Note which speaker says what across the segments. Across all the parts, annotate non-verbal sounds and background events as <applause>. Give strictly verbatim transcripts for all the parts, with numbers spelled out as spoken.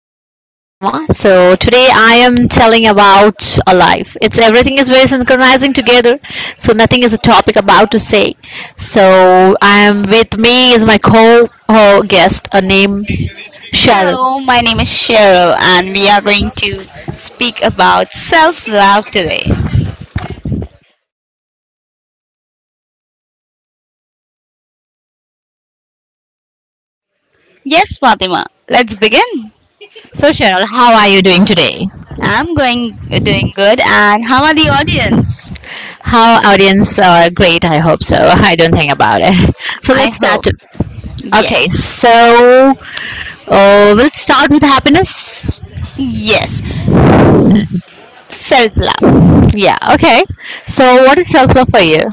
Speaker 1: host name Fatima. So today I am telling about a life. It's everything is very synchronizing together, so nothing is a topic about to say. So I am with me is my co guest, a name Cheryl.
Speaker 2: Hello, my name is Cheryl, and we are going to speak about self love today. Yes, Fatima, let's begin.
Speaker 1: So, Cheryl, how are you doing today?
Speaker 2: I'm going doing good, and how are the audience?
Speaker 1: How audience are great, I hope so. I don't think about it. <laughs> So
Speaker 2: I
Speaker 1: let's start.
Speaker 2: hope.
Speaker 1: To-
Speaker 2: Yes,
Speaker 1: Okay, so uh, we'll start with happiness.
Speaker 2: yes, self love.
Speaker 1: Yeah, okay. So, what is self love for you?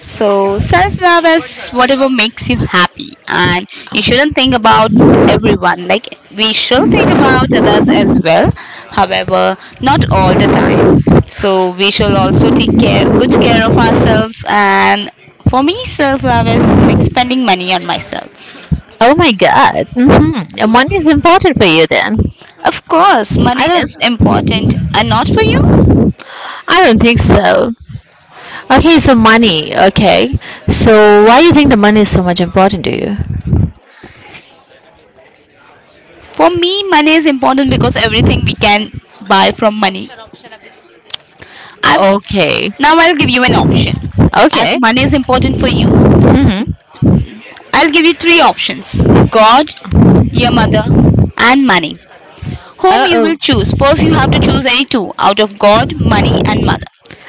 Speaker 2: So, self love is whatever makes you happy, and you shouldn't think about everyone. Like, we should think about others as well, however, not all the time. So, we shall also take care, good care of ourselves. And for me, self love is like spending money on myself.
Speaker 1: Oh my god. Hmm. Money is important for you then.
Speaker 2: Of course,
Speaker 1: I
Speaker 2: money
Speaker 1: don't
Speaker 2: is important, and not for you.
Speaker 1: I don't think so. Okay, so money. Okay. So, why you think the money is so much important to you?
Speaker 2: For me, money is important because everything we can buy from money. I
Speaker 1: Okay.
Speaker 2: Now I'll give you an option. As
Speaker 1: Okay.
Speaker 2: money is important for you,
Speaker 1: Hmm.
Speaker 2: I'll give you three options, God, your mother, and money. Whom you
Speaker 1: Uh-oh.
Speaker 2: will choose? First, you have to choose any two out of God, money, and mother.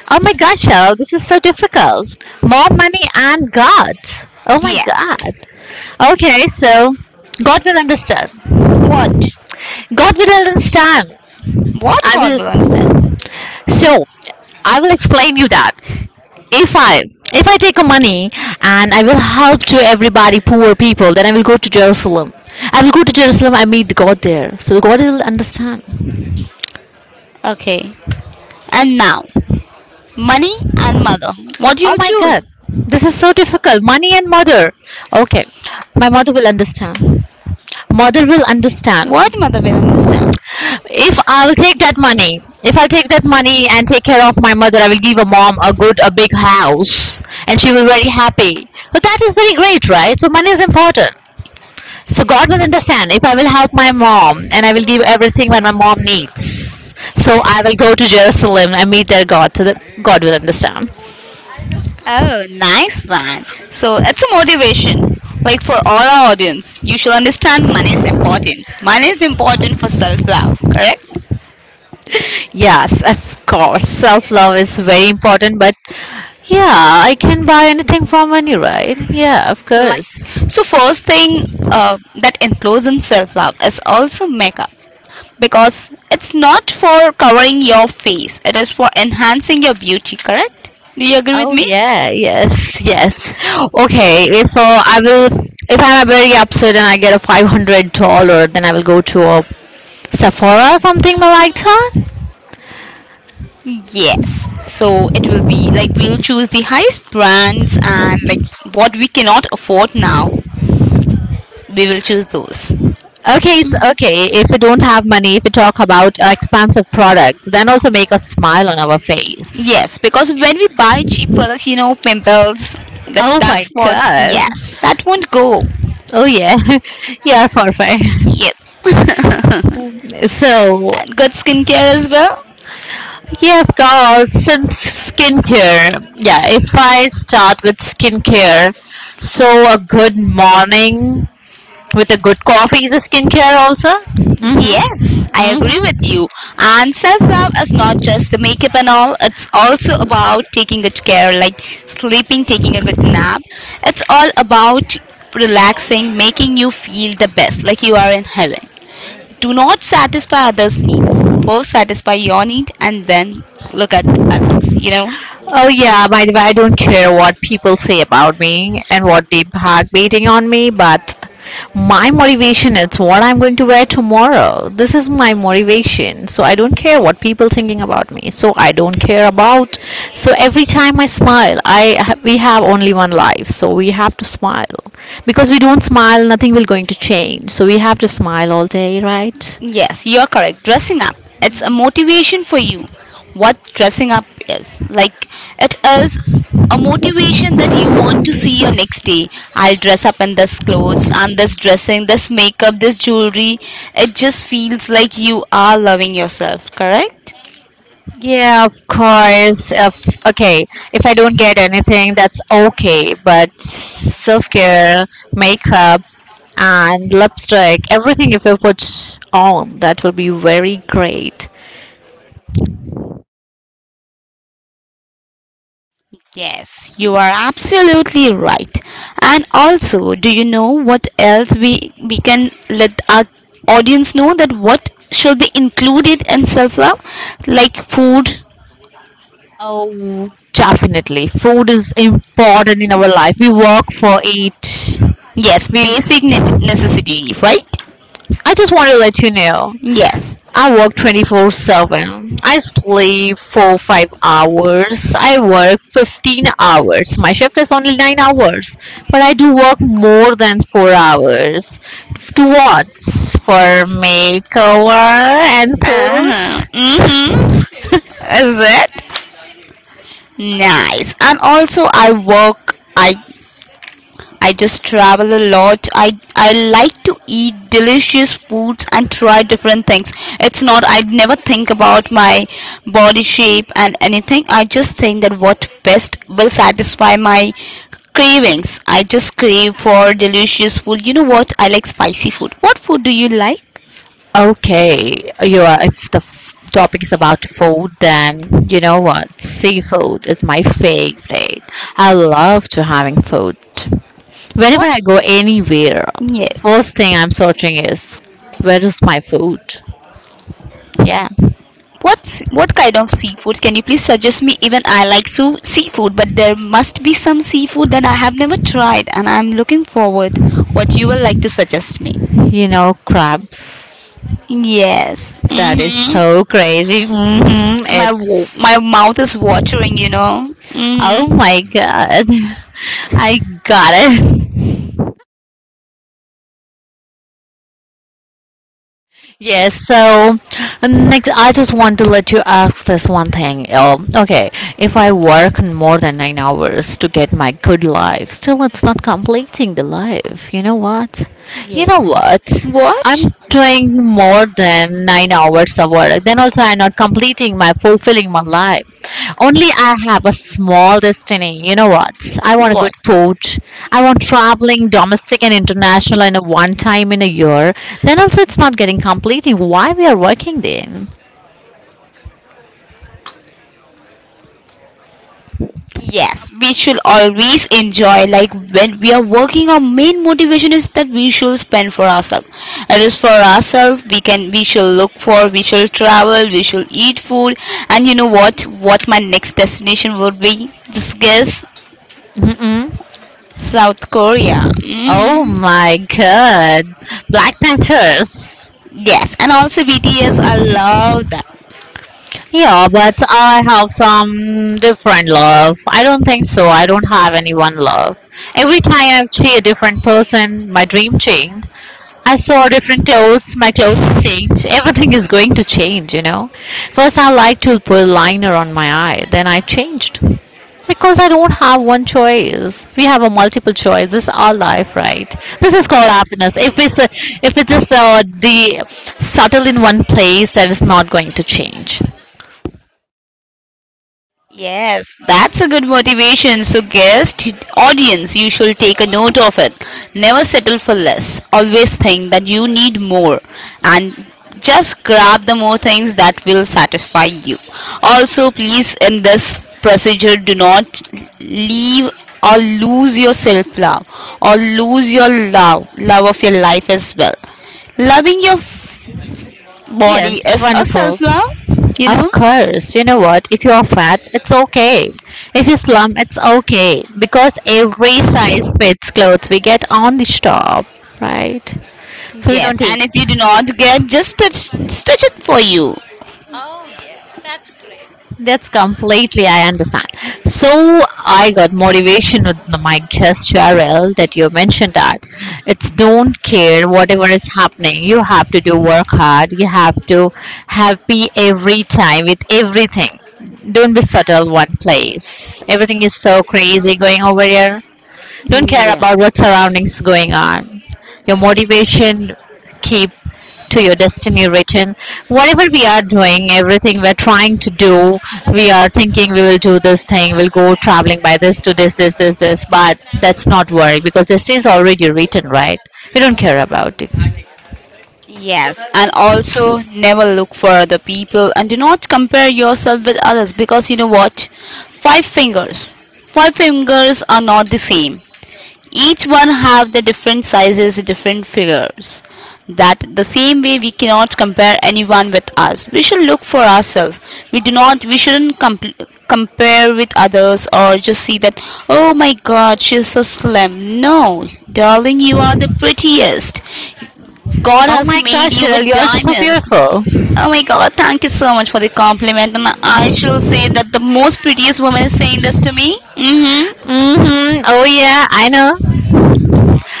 Speaker 1: Oh my God, Cheryl, this is so difficult. More money and God. Oh my
Speaker 2: Yes.
Speaker 1: god. Okay, so God will understand.
Speaker 2: What?
Speaker 1: God will understand.
Speaker 2: What
Speaker 1: I
Speaker 2: God will
Speaker 1: will
Speaker 2: understand?
Speaker 1: so I will explain you that. if I if I take a money and I will help to everybody poor people, then I will go to Jerusalem. I will go to Jerusalem. I meet God there, so God will understand.
Speaker 2: Okay. And now, money and mother. What
Speaker 1: Oh
Speaker 2: you'll
Speaker 1: my
Speaker 2: choose?
Speaker 1: God, this is so difficult. Money and mother. Okay, my mother will understand. Mother will understand
Speaker 2: What mother will understand?
Speaker 1: if I will take that money, if I take that money and take care of my mother, I will give a mom a good, a big house, and she will very happy. So that is very great, right? So money is important. So God will understand if I will help my mom and I will give everything when my mom needs. So I will go to Jerusalem and meet their God. So that God will understand.
Speaker 2: Oh, nice one. So it's a motivation. Like for all our audience, you should understand money is important. Money is important for self love, correct?
Speaker 1: Yes, of course. Self love is very important, but yeah, I can buy anything from money, right? Yeah, of
Speaker 2: Like,
Speaker 1: course.
Speaker 2: so first thing uh, that includes in self love is also makeup because it's not for covering your face, it is for enhancing your beauty, correct? Do you agree with
Speaker 1: Oh
Speaker 2: me?
Speaker 1: yeah, yes, yes. Okay, if uh, I will, if I'm very upset and I get a five hundred dollar, then I will go to a Sephora or something like that.
Speaker 2: Yes. So it will be like we'll choose the highest brands and like what we cannot afford now, we will choose those.
Speaker 1: Okay, it's okay if you don't have money, if you talk about uh, expensive products, then also make a smile on our face.
Speaker 2: Yes, because when we buy cheap products, you know, pimples, that
Speaker 1: Oh
Speaker 2: dark
Speaker 1: my
Speaker 2: spots,
Speaker 1: god.
Speaker 2: yes, that won't go.
Speaker 1: Oh yeah. <laughs> Yeah, perfect.
Speaker 2: Yes. <laughs>
Speaker 1: So,
Speaker 2: And good skincare as well.
Speaker 1: yeah, of course, since skincare, yeah, if I start with skincare, so a good morning with a good coffee is a skincare also.
Speaker 2: Yes,
Speaker 1: Mm-hmm.
Speaker 2: I agree with
Speaker 1: Mm-hmm.
Speaker 2: you. And self love is not just the makeup and all, it's also about taking good care, like sleeping, taking a good nap. It's all about relaxing, making you feel the best, like you are in heaven. Do not satisfy others' needs. First, satisfy your need and then look at others, you know?
Speaker 1: Oh yeah, by the way, I don't care what people say about me and what they are backbiting on me, but my motivation is what I'm going to wear tomorrow. This is my motivation. So I don't care what people thinking about me. So I don't care about. So every time I smile, I we have only one life. So we have to smile. Because we don't smile, nothing will going to change. So we have to smile all day, right?
Speaker 2: Yes, you're correct. Dressing up. It's a motivation for you. What dressing up is. Like, it is a motivation that you want to see your next day. I'll dress up in this clothes, and this dressing, this makeup, this jewelry. It just feels like you are loving yourself, correct?
Speaker 1: Yeah, of course. If okay, if I don't get anything, that's okay. But self care, makeup, and lipstick, everything if you put on, that will be very great.
Speaker 2: Yes, you are absolutely right. And also, do you know what else we we can let our audience know that what should be included in self-love? Like food.
Speaker 1: Oh, definitely. Food is important in our life. We work for it.
Speaker 2: Yes,
Speaker 1: We
Speaker 2: basic ne- necessity, right?
Speaker 1: I just want to let you know,
Speaker 2: Yes.
Speaker 1: I work twenty-four seven. I sleep four five hours. I work fifteen hours. My shift is only nine hours. But I do work more than four hours. To what? For makeover and food?
Speaker 2: Uh-huh. Mm-hmm. Is it? Nice. And also I work I I just travel a lot. I I like to eat delicious foods and try different things. It's not I'd never think about my body shape and anything. I just think that what best will satisfy my cravings. I just crave for delicious food. You know what? I like spicy food. What food do you like?
Speaker 1: Okay, you are, if the f- topic is about food, then you know what? Seafood is my favorite. I love to having food. Whenever
Speaker 2: What?
Speaker 1: I go anywhere,
Speaker 2: Yes.
Speaker 1: first thing I'm searching is where is my food? Yeah,
Speaker 2: What's what kind of seafood? Can you please suggest me? Even I like so seafood, but there must be some seafood that I have never tried, and I'm looking forward. What you will like to suggest me?
Speaker 1: you know, crabs.
Speaker 2: Yes.
Speaker 1: That is
Speaker 2: Mhm.
Speaker 1: so crazy. Hmm.
Speaker 2: My wo-
Speaker 1: It's
Speaker 2: my mouth is watering. You know.
Speaker 1: oh
Speaker 2: Mhm.
Speaker 1: my god, <laughs> I got it. Yes, so next, I just want to let you ask this one thing. Um, okay, if I work more than nine hours to get my good life, still it's not completing the life. You know what? You know
Speaker 2: Yes.
Speaker 1: what? I'm
Speaker 2: What?
Speaker 1: doing more than nine in hours of work. Then also I'm not completing my fulfilling my life. Only I have a small destiny. You know what? I want a good
Speaker 2: What?
Speaker 1: food. I want traveling domestic and international in a one time in a year. Then also it's not getting completing. Why we are working then?
Speaker 2: Yes, we should always enjoy. Like when we are working, our main motivation is that we should spend for ourselves. It is for ourselves. We can, we should look for, we should travel, we should eat food, and you know what? What my next destination would be? Just guess,
Speaker 1: Mm-mm.
Speaker 2: South Korea.
Speaker 1: Oh
Speaker 2: Hmm.
Speaker 1: my god. Black Panthers.
Speaker 2: Yes, and also B T S. I love that.
Speaker 1: Yeah, but I have some different love. I don't think so. I don't have any one love. Every time I've changed a different person, my dream changed. I saw different clothes, my clothes changed. Everything is going to change, you know. First, I like to put liner on my eye, then I changed. Because I don't have one choice. We have a multiple choice. This is our life, right? This is called
Speaker 2: Yes.
Speaker 1: happiness. If it's if it is uh, the subtle in one place, that is not going to change.
Speaker 2: Yes, that's a good motivation. So, guest, audience, you should take a note of it. Never settle for less. Always think that you need more and just grab the more things that will satisfy you. Also, please, in this procedure, do not leave or lose your self love or lose your love, love of your life as well. Loving your body
Speaker 1: Yes,
Speaker 2: is a self
Speaker 1: wonderful.
Speaker 2: love, you know.
Speaker 1: Of course, you know what? If you are fat, it's okay. If you slum, it's okay. Because every size fits clothes we get on the shop, right? So we
Speaker 2: Yes,
Speaker 1: don't eat.
Speaker 2: and if you do not get, just stitch, stitch it for you.
Speaker 1: That's completely, I understand. So I got motivation with the- my guest Cheryl that you mentioned that it's don't care whatever is happening. You have to do work hard. You have to happy every time with everything. Don't be settled one place. Everything is so crazy going over here. Don't care about what surroundings going on. Your motivation keep to your destiny written. Whatever we are doing, everything we're trying to do, we are thinking we will do this thing, we'll go traveling by this to this, this, this, this, but that's not work because destiny is already written, right? We don't care about it.
Speaker 2: Yes, and also never look for other people and do not compare yourself with others because you know what? Five fingers. Five fingers are not the same. Each one have the different sizes, different figures. That the same way we cannot compare anyone with us. We should look for ourselves. We do not we shouldn't comp- compare with others or just see that oh my god, she's so slim. No, darling, you are the prettiest. God
Speaker 1: Oh
Speaker 2: has
Speaker 1: my
Speaker 2: made
Speaker 1: gosh,
Speaker 2: you with
Speaker 1: Cheryl, you are so
Speaker 2: diamonds.
Speaker 1: beautiful.
Speaker 2: Oh my God, thank you so much for the compliment. And I shall say that the most prettiest woman is saying this to me. Mm hmm.
Speaker 1: Mm-hmm. Oh yeah, I know.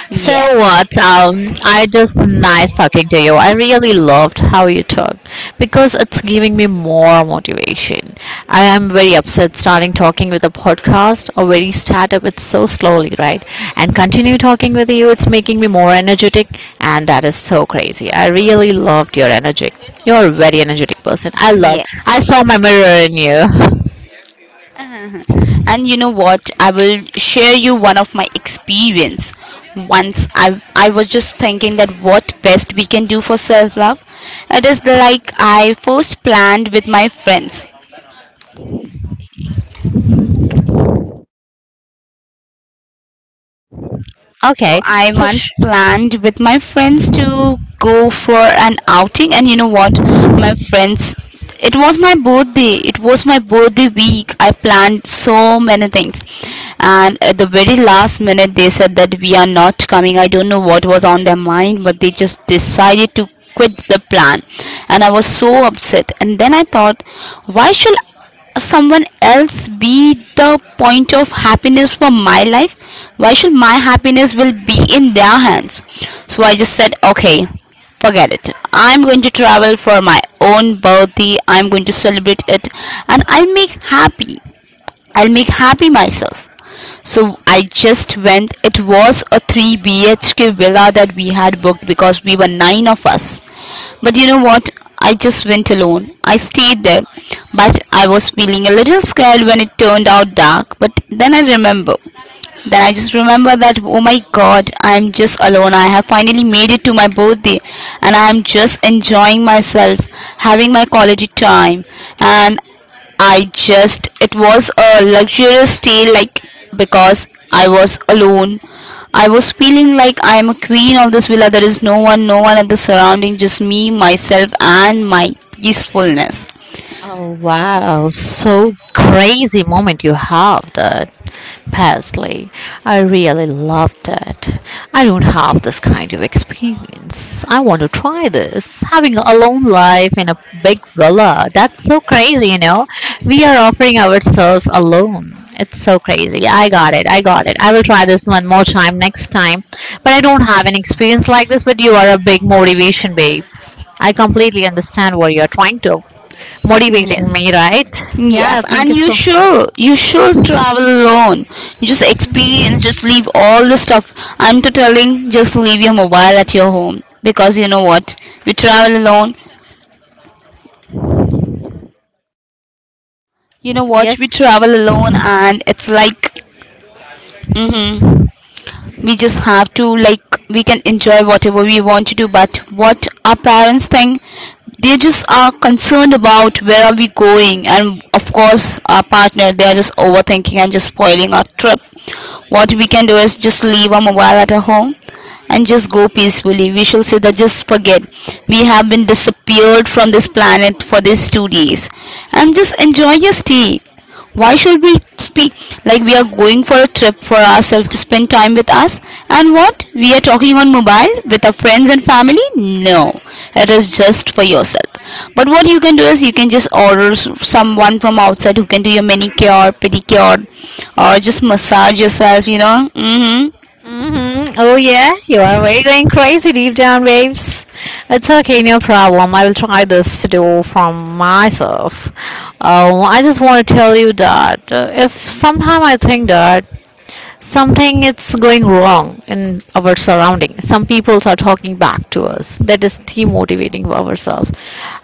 Speaker 2: You
Speaker 1: So
Speaker 2: Yeah.
Speaker 1: what? Um, I just nice talking to you. I really loved how you talk because it's giving me more motivation. I am very upset starting talking with a podcast or very startup. It's so slowly, right? And continue talking with you. It's making me more energetic, and that is so crazy. I really loved your energetic. You're a very energetic person. I
Speaker 2: love.
Speaker 1: love.
Speaker 2: Yes.
Speaker 1: I saw my mirror in you. <laughs>
Speaker 2: And you know what? I will share you one of my experience. Once I I was just thinking that what best we can do for self love. It is like I first planned with my friends. So
Speaker 1: Okay,
Speaker 2: I
Speaker 1: so.
Speaker 2: once planned with my friends to go for an outing and you know what my friends, it was my birthday it
Speaker 1: Both
Speaker 2: was my
Speaker 1: the we
Speaker 2: birthday week. I planned
Speaker 1: and so
Speaker 2: so
Speaker 1: many
Speaker 2: many things,
Speaker 1: things,
Speaker 2: and
Speaker 1: and
Speaker 2: at
Speaker 1: at
Speaker 2: the
Speaker 1: the
Speaker 2: very
Speaker 1: very
Speaker 2: last
Speaker 1: last minute
Speaker 2: minute
Speaker 1: they
Speaker 2: they
Speaker 1: said
Speaker 2: said that
Speaker 1: that.
Speaker 2: we are not coming. I don't know what was on their mind, but they just decided to quit the plan, and I was so upset. And then I thought, why should someone else be the point of happiness for my life? Why should my happiness will be in their hands? So I just said, okay, forget it. I'm going to travel for my own birthday. I'm going to celebrate it, and i'll make happy i'll make happy myself. So I just went. It was a three B H K villa that we had booked because we were nine of us. But you know what? I just went alone. I stayed there. But I was feeling a little scared when it turned out dark. But then I remember then I just remember that, oh my god, I'm just alone. I have finally made it to my birthday and I am just enjoying myself, having my quality time. And I just, it was a luxurious day, like because I was alone. I was feeling like I am a queen of this villa. There is no one, no one at the surrounding, just me, myself, and my peacefulness.
Speaker 1: Oh wow, so crazy moment you have that, Paisley. I really love that. I don't have this kind of experience. I want to try this. Having a lone life in a big villa, that's so crazy, you know. We are offering ourselves alone. It's so crazy. I got it. I got it. I will try this one more time next time. But I don't have an experience like this, but you are a big motivation, babes. I completely understand what you're trying to motivating me, right? Yeah,
Speaker 2: Yes,
Speaker 1: thank
Speaker 2: and
Speaker 1: you
Speaker 2: you
Speaker 1: so.
Speaker 2: should you should travel alone. Just experience, just leave all the stuff. I'm to telling, just leave your mobile at your home because you know what? We travel alone. You know what? We travel
Speaker 1: Yes.
Speaker 2: alone, and it's like, mhm, we just have to like we can enjoy whatever we want to do, but what our parents think, they just are concerned about where are we going. And of course our partner, they are just overthinking and just spoiling our trip. What we can do is just leave our mobile at our home and just go peacefully. We shall say that just forget, we have been disappeared from this planet for these two days and just enjoy your stay. Why should we speak like we are going for a trip for ourselves to spend time with us? And what? We are talking on mobile with our friends and family? No, it is just for yourself. But what you can do is you can just order s- someone from outside who can do your manicure, pedicure, or just massage yourself, you know. Hmm.
Speaker 1: Mm-hmm. Oh yeah, you are very going crazy deep down, babes. It's okay, no problem. I will try this to do from myself. Um, I just want to tell you that uh, if sometime I think that something is going wrong in our surrounding, some people are talking back to us. That is demotivating for ourselves.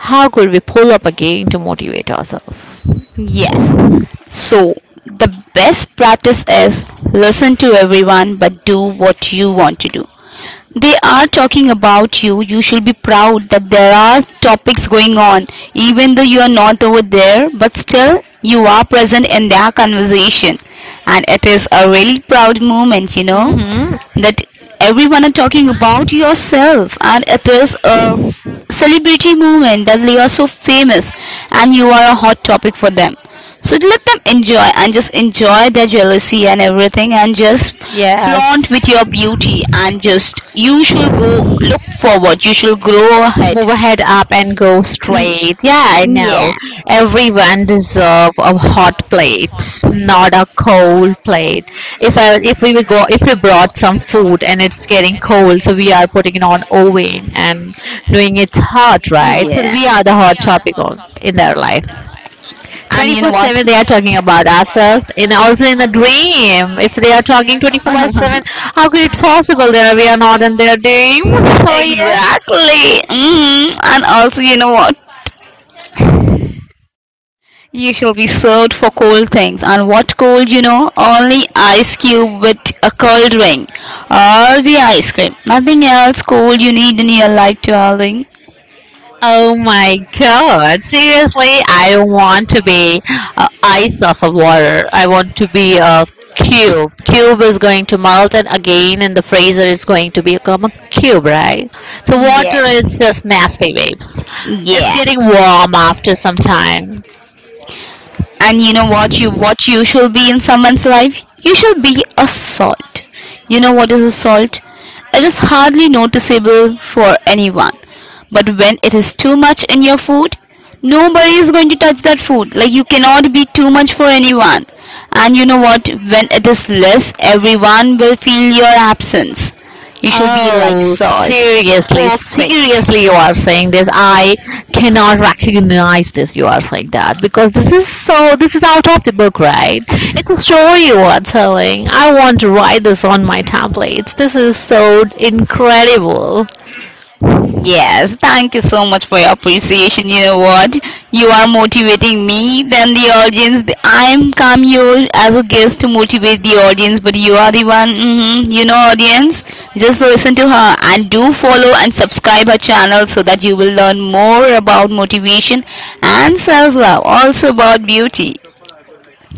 Speaker 1: How could we pull up again to motivate ourselves?
Speaker 2: Yes. So, the best practice is listen to everyone but do what you want to do. They are talking about you. You should be proud that there are topics going on, even though you are not over there, but still you are present in their conversation. And it is a really proud moment, you know,
Speaker 1: Mm-hmm.
Speaker 2: that everyone are talking about yourself and it is a celebrity movement that you are so famous and you are a hot topic for them. So let them enjoy and just enjoy their jealousy and everything, and just flaunt with
Speaker 1: Yes.
Speaker 2: your beauty. And just you should go look forward, you should grow ahead.
Speaker 1: Move ahead up and go
Speaker 2: Mm,
Speaker 1: straight. Yeah, I
Speaker 2: yeah.
Speaker 1: know. Everyone deserve a hot plate, not a cold plate. If I if we will go if we brought some food and it's getting cold, so we are putting it on oven and doing it hot, right? So we are the hot topic on, in their life.
Speaker 2: And you know We what?
Speaker 1: twenty-four seven they are talking about ourselves and also in the dream.
Speaker 2: <laughs>
Speaker 1: If they are talking twenty-four by
Speaker 2: Exactly.
Speaker 1: seven, how could
Speaker 2: <laughs>
Speaker 1: it possible that we are not in their dream? <laughs> Oh yes.
Speaker 2: Exactly. Mm. And also, you know what? You shall be served for cold things, and what cold you know? Only ice cube with a cold ring, or the ice cream. Nothing else cold you need in your life, darling.
Speaker 1: Oh my god. Seriously, I don't want to be uh, ice off of water. I want to be a cube. Cube is going to melt and again in the freezer it's going to become a cube, right? So water
Speaker 2: Yes.
Speaker 1: is just nasty waves. It's
Speaker 2: Yeah.
Speaker 1: getting warm after some time.
Speaker 2: And you know what? You what you should be in someone's life? You should be a salt. You know what is a salt? It is hardly noticeable for anyone. But when it is too much in your food, nobody is going to touch that food. Like you cannot be too much for anyone. And you know what? When it is less, everyone will feel your absence. You should be like
Speaker 1: Oh,
Speaker 2: salt.
Speaker 1: seriously,
Speaker 2: Perfect.
Speaker 1: seriously, you are saying this. I cannot recognize this. You are saying that because this is so, this is out of the book, right? It's a story you are telling. I want to write this on my templates. This is so incredible.
Speaker 2: Yes, thank you so much for your appreciation. You know what? You are motivating me than the audience. The- I am come here as a guest to motivate the audience, but you are the one. Hmm You know, audience, just listen to her and do follow and subscribe her channel so that you will learn more about motivation and self love, also about beauty.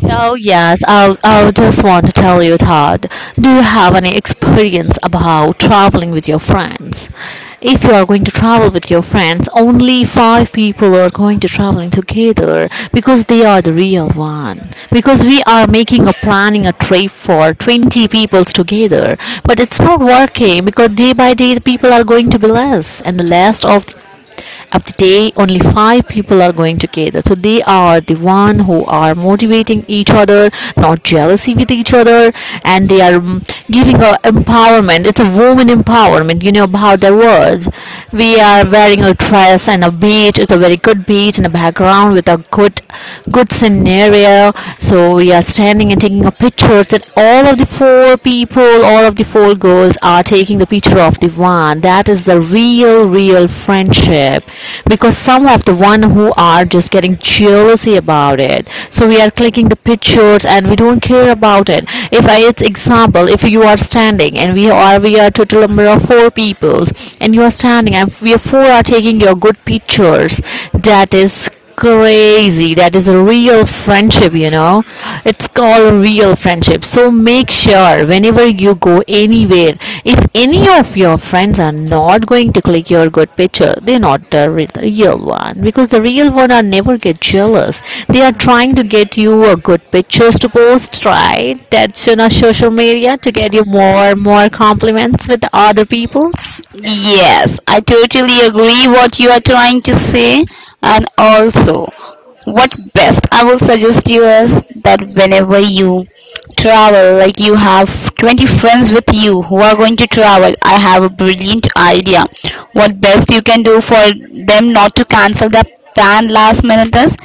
Speaker 1: Oh yes, I will I will just want to tell you, Todd. Do you have any experience about traveling with your friends? If you are going to travel with your friends, only five people are going to traveling together because they are the real one. Because we are making a planning a trip for twenty peoples together, but it's not working because day by day the people are going to be less, and the last of of the day only five people are going together, so they are the one who are motivating each other, not jealousy with each other, and they are mm, giving a empowerment. It's a woman empowerment, you know, about their words. We are wearing a dress and a beach, it's a very good beach in the background with a good good scenario. So we are standing and taking a pictures, and all of the four people, all all of the four girls are taking the picture of the one. That is the real real friendship, because some of the one who are just getting jealousy about it, so we are clicking the pictures and we don't care about it. If i it's example, if you are standing and we are we are total number of four people, and you are standing and we are four are taking your good pictures, that is crazy. That is a real friendship, you know. It's called a real friendship. So make sure whenever you go anywhere, if any of your friends are not going to click your good picture, they're not the re- the real one, because the real one are never get jealous. They are trying to get you a good pictures to post, right? That's on our social media to get you more more compliments with the other people's.
Speaker 2: Yes, I totally agree what you are trying to say, and also what best I will suggest you is that whenever you travel, like you have twenty friends with you who are going to travel, I have a brilliant idea. What best you can do for them not to cancel their planned last minutes.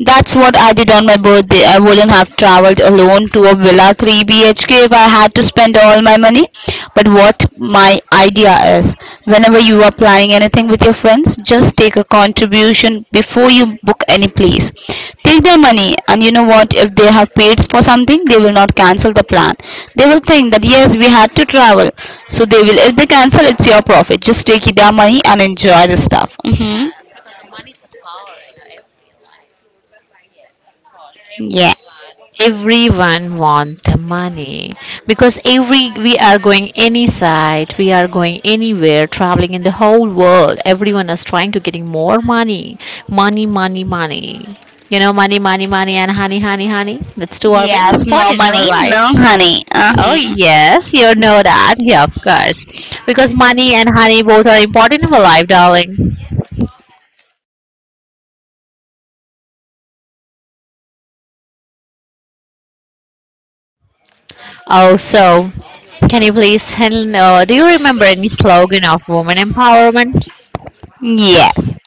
Speaker 2: That's what I did on my birthday. I wouldn't have traveled alone to a villa three B H K if I had to spend all my money. But what my idea is, whenever you are planning anything with your friends, just take a contribution before you book any place. Take their money, and you know what? If they have paid for something, they will not cancel the plan. They will think that yes, we had to travel, so they will. If they cancel, it's your profit. Just take their money and enjoy the stuff. hmm Yeah.
Speaker 1: Everyone want the money, because every we are going any side, we are going anywhere traveling in the whole world, everyone is trying to getting more money, money, money, money. You know, money, money, money and honey, honey, honey, that's two are very
Speaker 2: Yes, no
Speaker 1: important in our
Speaker 2: money,
Speaker 1: life.
Speaker 2: no honey.
Speaker 1: Oh
Speaker 2: Uh-huh.
Speaker 1: yes, you know that, yeah, of course, because money and honey both are important in our life, darling. Oh, so can you please tell? Uh, do you remember any slogan of woman empowerment?
Speaker 2: Yes.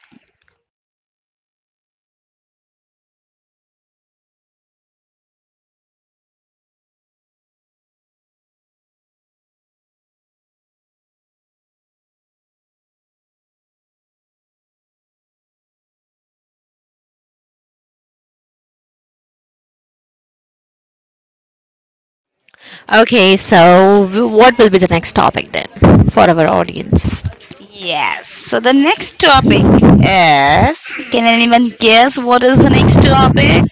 Speaker 1: Okay, so w- what will be the next topic then for our audience?
Speaker 2: Yes. So the next topic is, can anyone guess what is the next topic?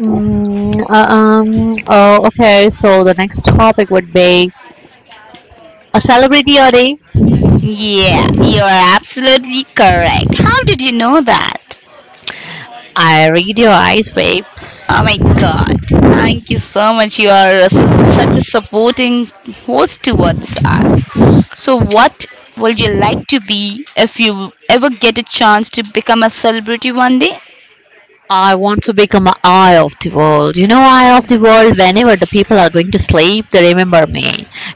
Speaker 1: Mm, uh, um, oh, okay. So the next topic would be a celebrity or a.
Speaker 2: Yeah, you're absolutely correct. How did you know that?
Speaker 1: I read your eyes, babes.
Speaker 2: Oh my god. Thank you so much. You are a su- such a supporting host towards us. So, what would you like to be if you ever get a chance to become a celebrity one day?
Speaker 1: I want to become an eye of the world. You know, eye of the world, whenever the people are going to sleep, they remember me.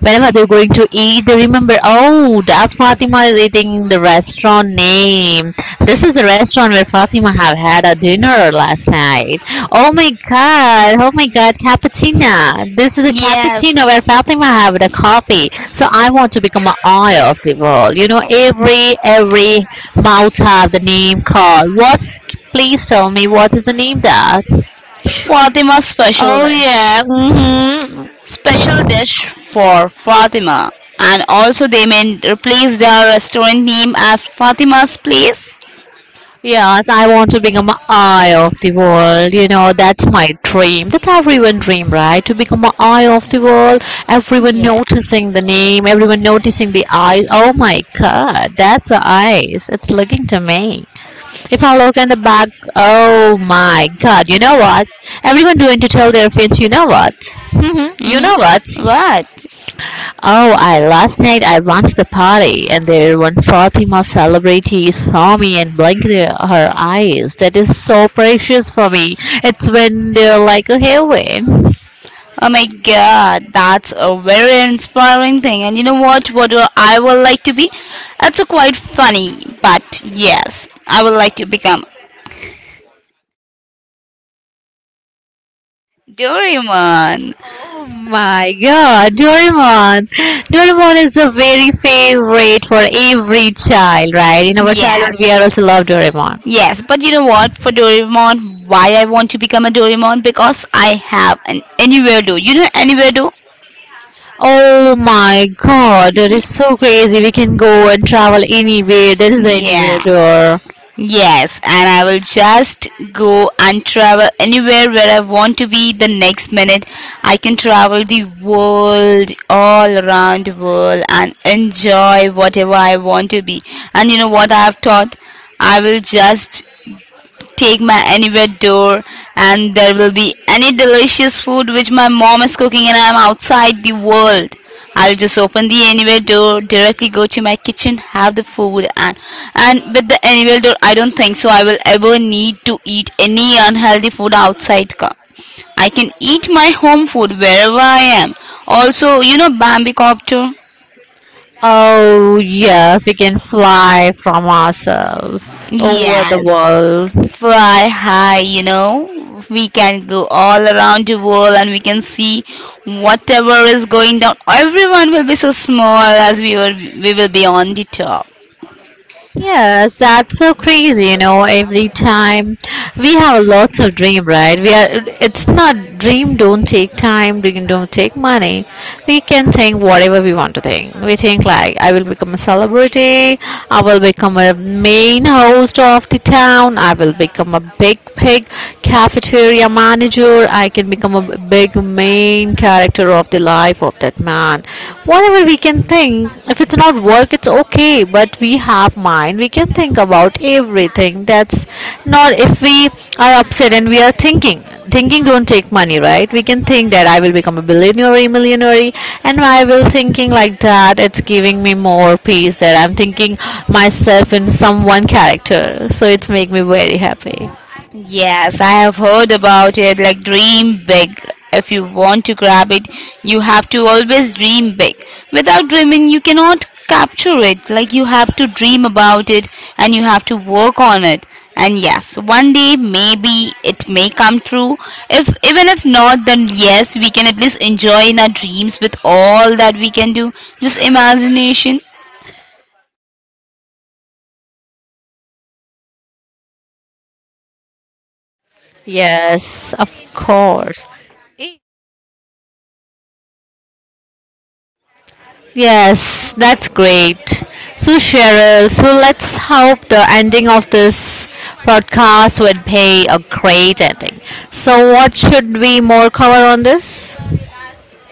Speaker 1: Whenever they're going to eat, they remember, oh, that Fatima is eating the restaurant name. This is the restaurant where Fatima have had a dinner last night. Oh my god! Oh my god, cappuccino! This is a
Speaker 2: Yes,
Speaker 1: cappuccino where Fatima have the coffee. So I want to become an oil of the world. You know, every every mouth have the name called. What's please tell me, what is the name that?
Speaker 2: Fatima special
Speaker 1: Oh
Speaker 2: dish.
Speaker 1: yeah, mm-hmm.
Speaker 2: Special dish for Fatima. And also they may replace their restaurant name as Fatima's Place.
Speaker 1: Yes, I want to become an eye of the world. You know, that's my dream. That's everyone's dream, right? To become an eye of the world. Everyone
Speaker 2: Yeah.
Speaker 1: noticing the name, everyone noticing the eyes. Oh my god, that's the eyes. It's looking to me. If I look in the back, oh my god, you know what? Everyone doing to tell their friends, you know what? <laughs> hmm You know what?
Speaker 2: Mm-hmm. What?
Speaker 1: Oh, I last night I watched the party, and there one Fatima celebrity saw me and blinked her eyes. That is so precious for me. It's when they're like a heaven.
Speaker 2: Oh my god, that's a very inspiring thing. And you know what? What do I would like to be? It's a quite funny, but yes, I would like to become Doraemon.
Speaker 1: Oh my god, Doraemon! Doraemon is a very favorite for every child, right? In our childhood,
Speaker 2: Yes,
Speaker 1: we are also love Doraemon.
Speaker 2: yes, but you know what? For Doraemon, why I want to become a Doraemon? Because I have an anywhere do. You know anywhere do? Yeah.
Speaker 1: Oh my god, that is so crazy. We can go and travel anywhere. There is anywhere
Speaker 2: Yeah.
Speaker 1: door.
Speaker 2: Yes, and I will just go and travel anywhere where I want to be the next minute. I can travel the world, all around the world, and enjoy whatever I want to be. And you know what I have taught? I will just take my anywhere door, and there will be any delicious food which my mom is cooking and I'm outside the world. I'll just open the anywhere door, directly go to my kitchen, have the food, and and with the anywhere door I don't think so I will ever need to eat any unhealthy food outside. co- I can eat my home food wherever I am. Also, you know Bambi Copter?
Speaker 1: Oh, yes, we can fly from ourselves over the
Speaker 2: Yes.
Speaker 1: world.
Speaker 2: Fly high, you know. We can go all around the world and we can see whatever is going down. Everyone will be so small as we were we will be on the top.
Speaker 1: Yes, that's so crazy. You know, every time we have lots of dream, right? We are. It's not dream. Don't take time. Dream. Don't take money. We can think whatever we want to think. We think like I will become a celebrity. I will become a main host of the town. I will become a big, big cafeteria manager. I can become a big main character of the life of that man, whatever we can think. If it's not work, it's okay, but we have mind. We can think about everything. That's not. If we are upset and we are thinking. Thinking don't take money, right? We can think that I will become a billionaire or a millionaire, and I will thinking like that. It's giving me more peace that I'm thinking myself in some one character. So it's make me very happy.
Speaker 2: Yes, I have heard about it. Like, dream big. If you want to grab it, you have to always dream big. Without dreaming, you cannot capture it. Like, you have to dream about it and you have to work on it. And yes, one day maybe it may come true. If even if not, then yes, we can at least enjoy in our dreams with all that we can do. Just imagination.
Speaker 1: Yes, of course. Yes, that's great. So, Cheryl, so let's hope the ending of this podcast would be a great ending. So, what should we more cover on this?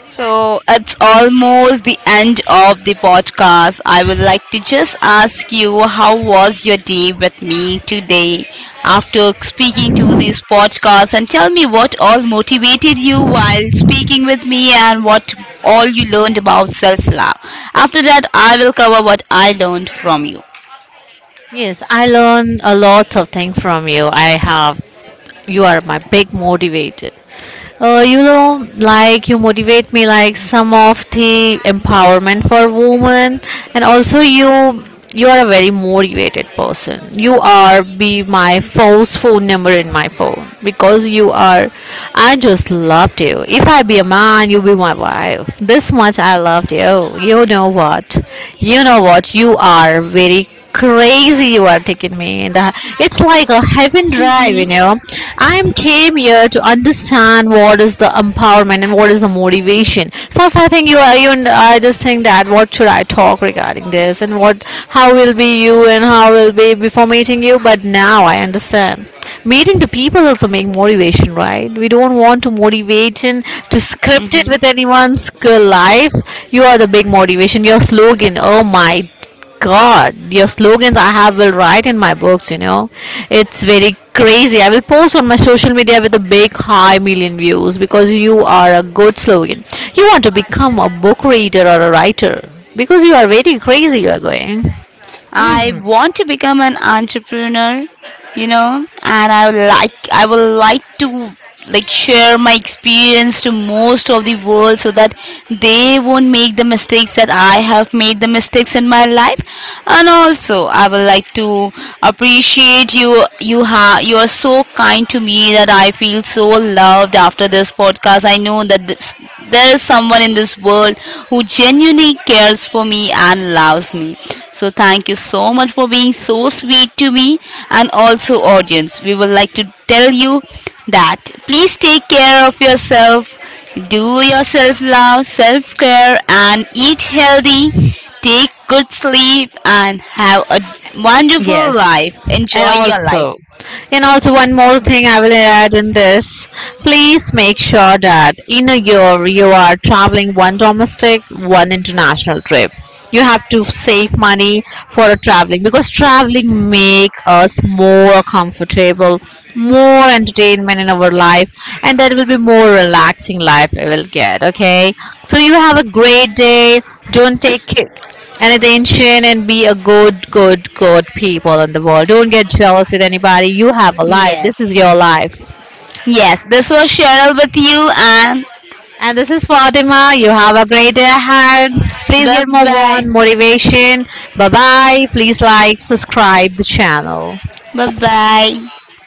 Speaker 2: So it's almost the end of the podcast. I would like to just ask you how was your day with me today after speaking to this podcast, and tell me what all motivated you while speaking with me and what all you learned about self love. After that, I will cover what I learned from you.
Speaker 1: Yes, I learn a lot of things from you. I have you are my big motivated. Uh, you know, like you motivate me like some of the empowerment for women, and also you you are a very motivated person. You are be my first phone number in my phone because you are. I just loved you. If I be a man, you be my wife. This much I loved you. You know what? You know what? You are very crazy, you are taking me in the, it's like a heaven drive, you
Speaker 2: hmm
Speaker 1: know. I am came here to understand what is the empowerment and what is the motivation. First I think you are you I just think that what should I talk regarding this, and what how will be you and how will be before meeting you, but now I understand meeting the people also make motivation, right? We don't want to motivation to script it with anyone's life. You are the big motivation. Your slogan, oh my God, your slogans I have will write in my books, you know. It's very crazy. I will post on my social media with a big high million views because you are a good slogan. You want to become a book reader or a writer because you are very crazy you are going.
Speaker 2: I want to become an entrepreneur, you know, and I would like I would like to like share my experience to most of the world so that they won't make the mistakes that I have made the mistakes in my life. And also, I would like to appreciate you. You have You are so kind to me that I feel so loved after this podcast. I know that this there's someone in this world who genuinely cares for me and loves me. So thank you so much for being so sweet to me, and also, audience, we would like to tell you that please take care of yourself, do your self love, self care and eat healthy, take good sleep and have a wonderful life.
Speaker 1: Yes, and
Speaker 2: Enjoy your life.
Speaker 1: also, and also one more thing I will add in this. Please make sure that in a year you are traveling one domestic, one international trip. You have to save money for traveling, because traveling make us more comfortable, more entertainment in our life, and that will be more relaxing life we will get. Okay, so you have a great day. Don't take it and attention, and be a good, good, good people in the world. Don't get jealous with anybody. You have a life. This
Speaker 2: Yes.
Speaker 1: is your life.
Speaker 2: Yes, this was Cheryl with you, and
Speaker 1: And this is
Speaker 2: And
Speaker 1: Fatima. You have a great day ahead. Please
Speaker 2: bye
Speaker 1: get more one
Speaker 2: bye
Speaker 1: motivation. Bye bye. Please like, subscribe the channel.
Speaker 2: bye. Bye bye.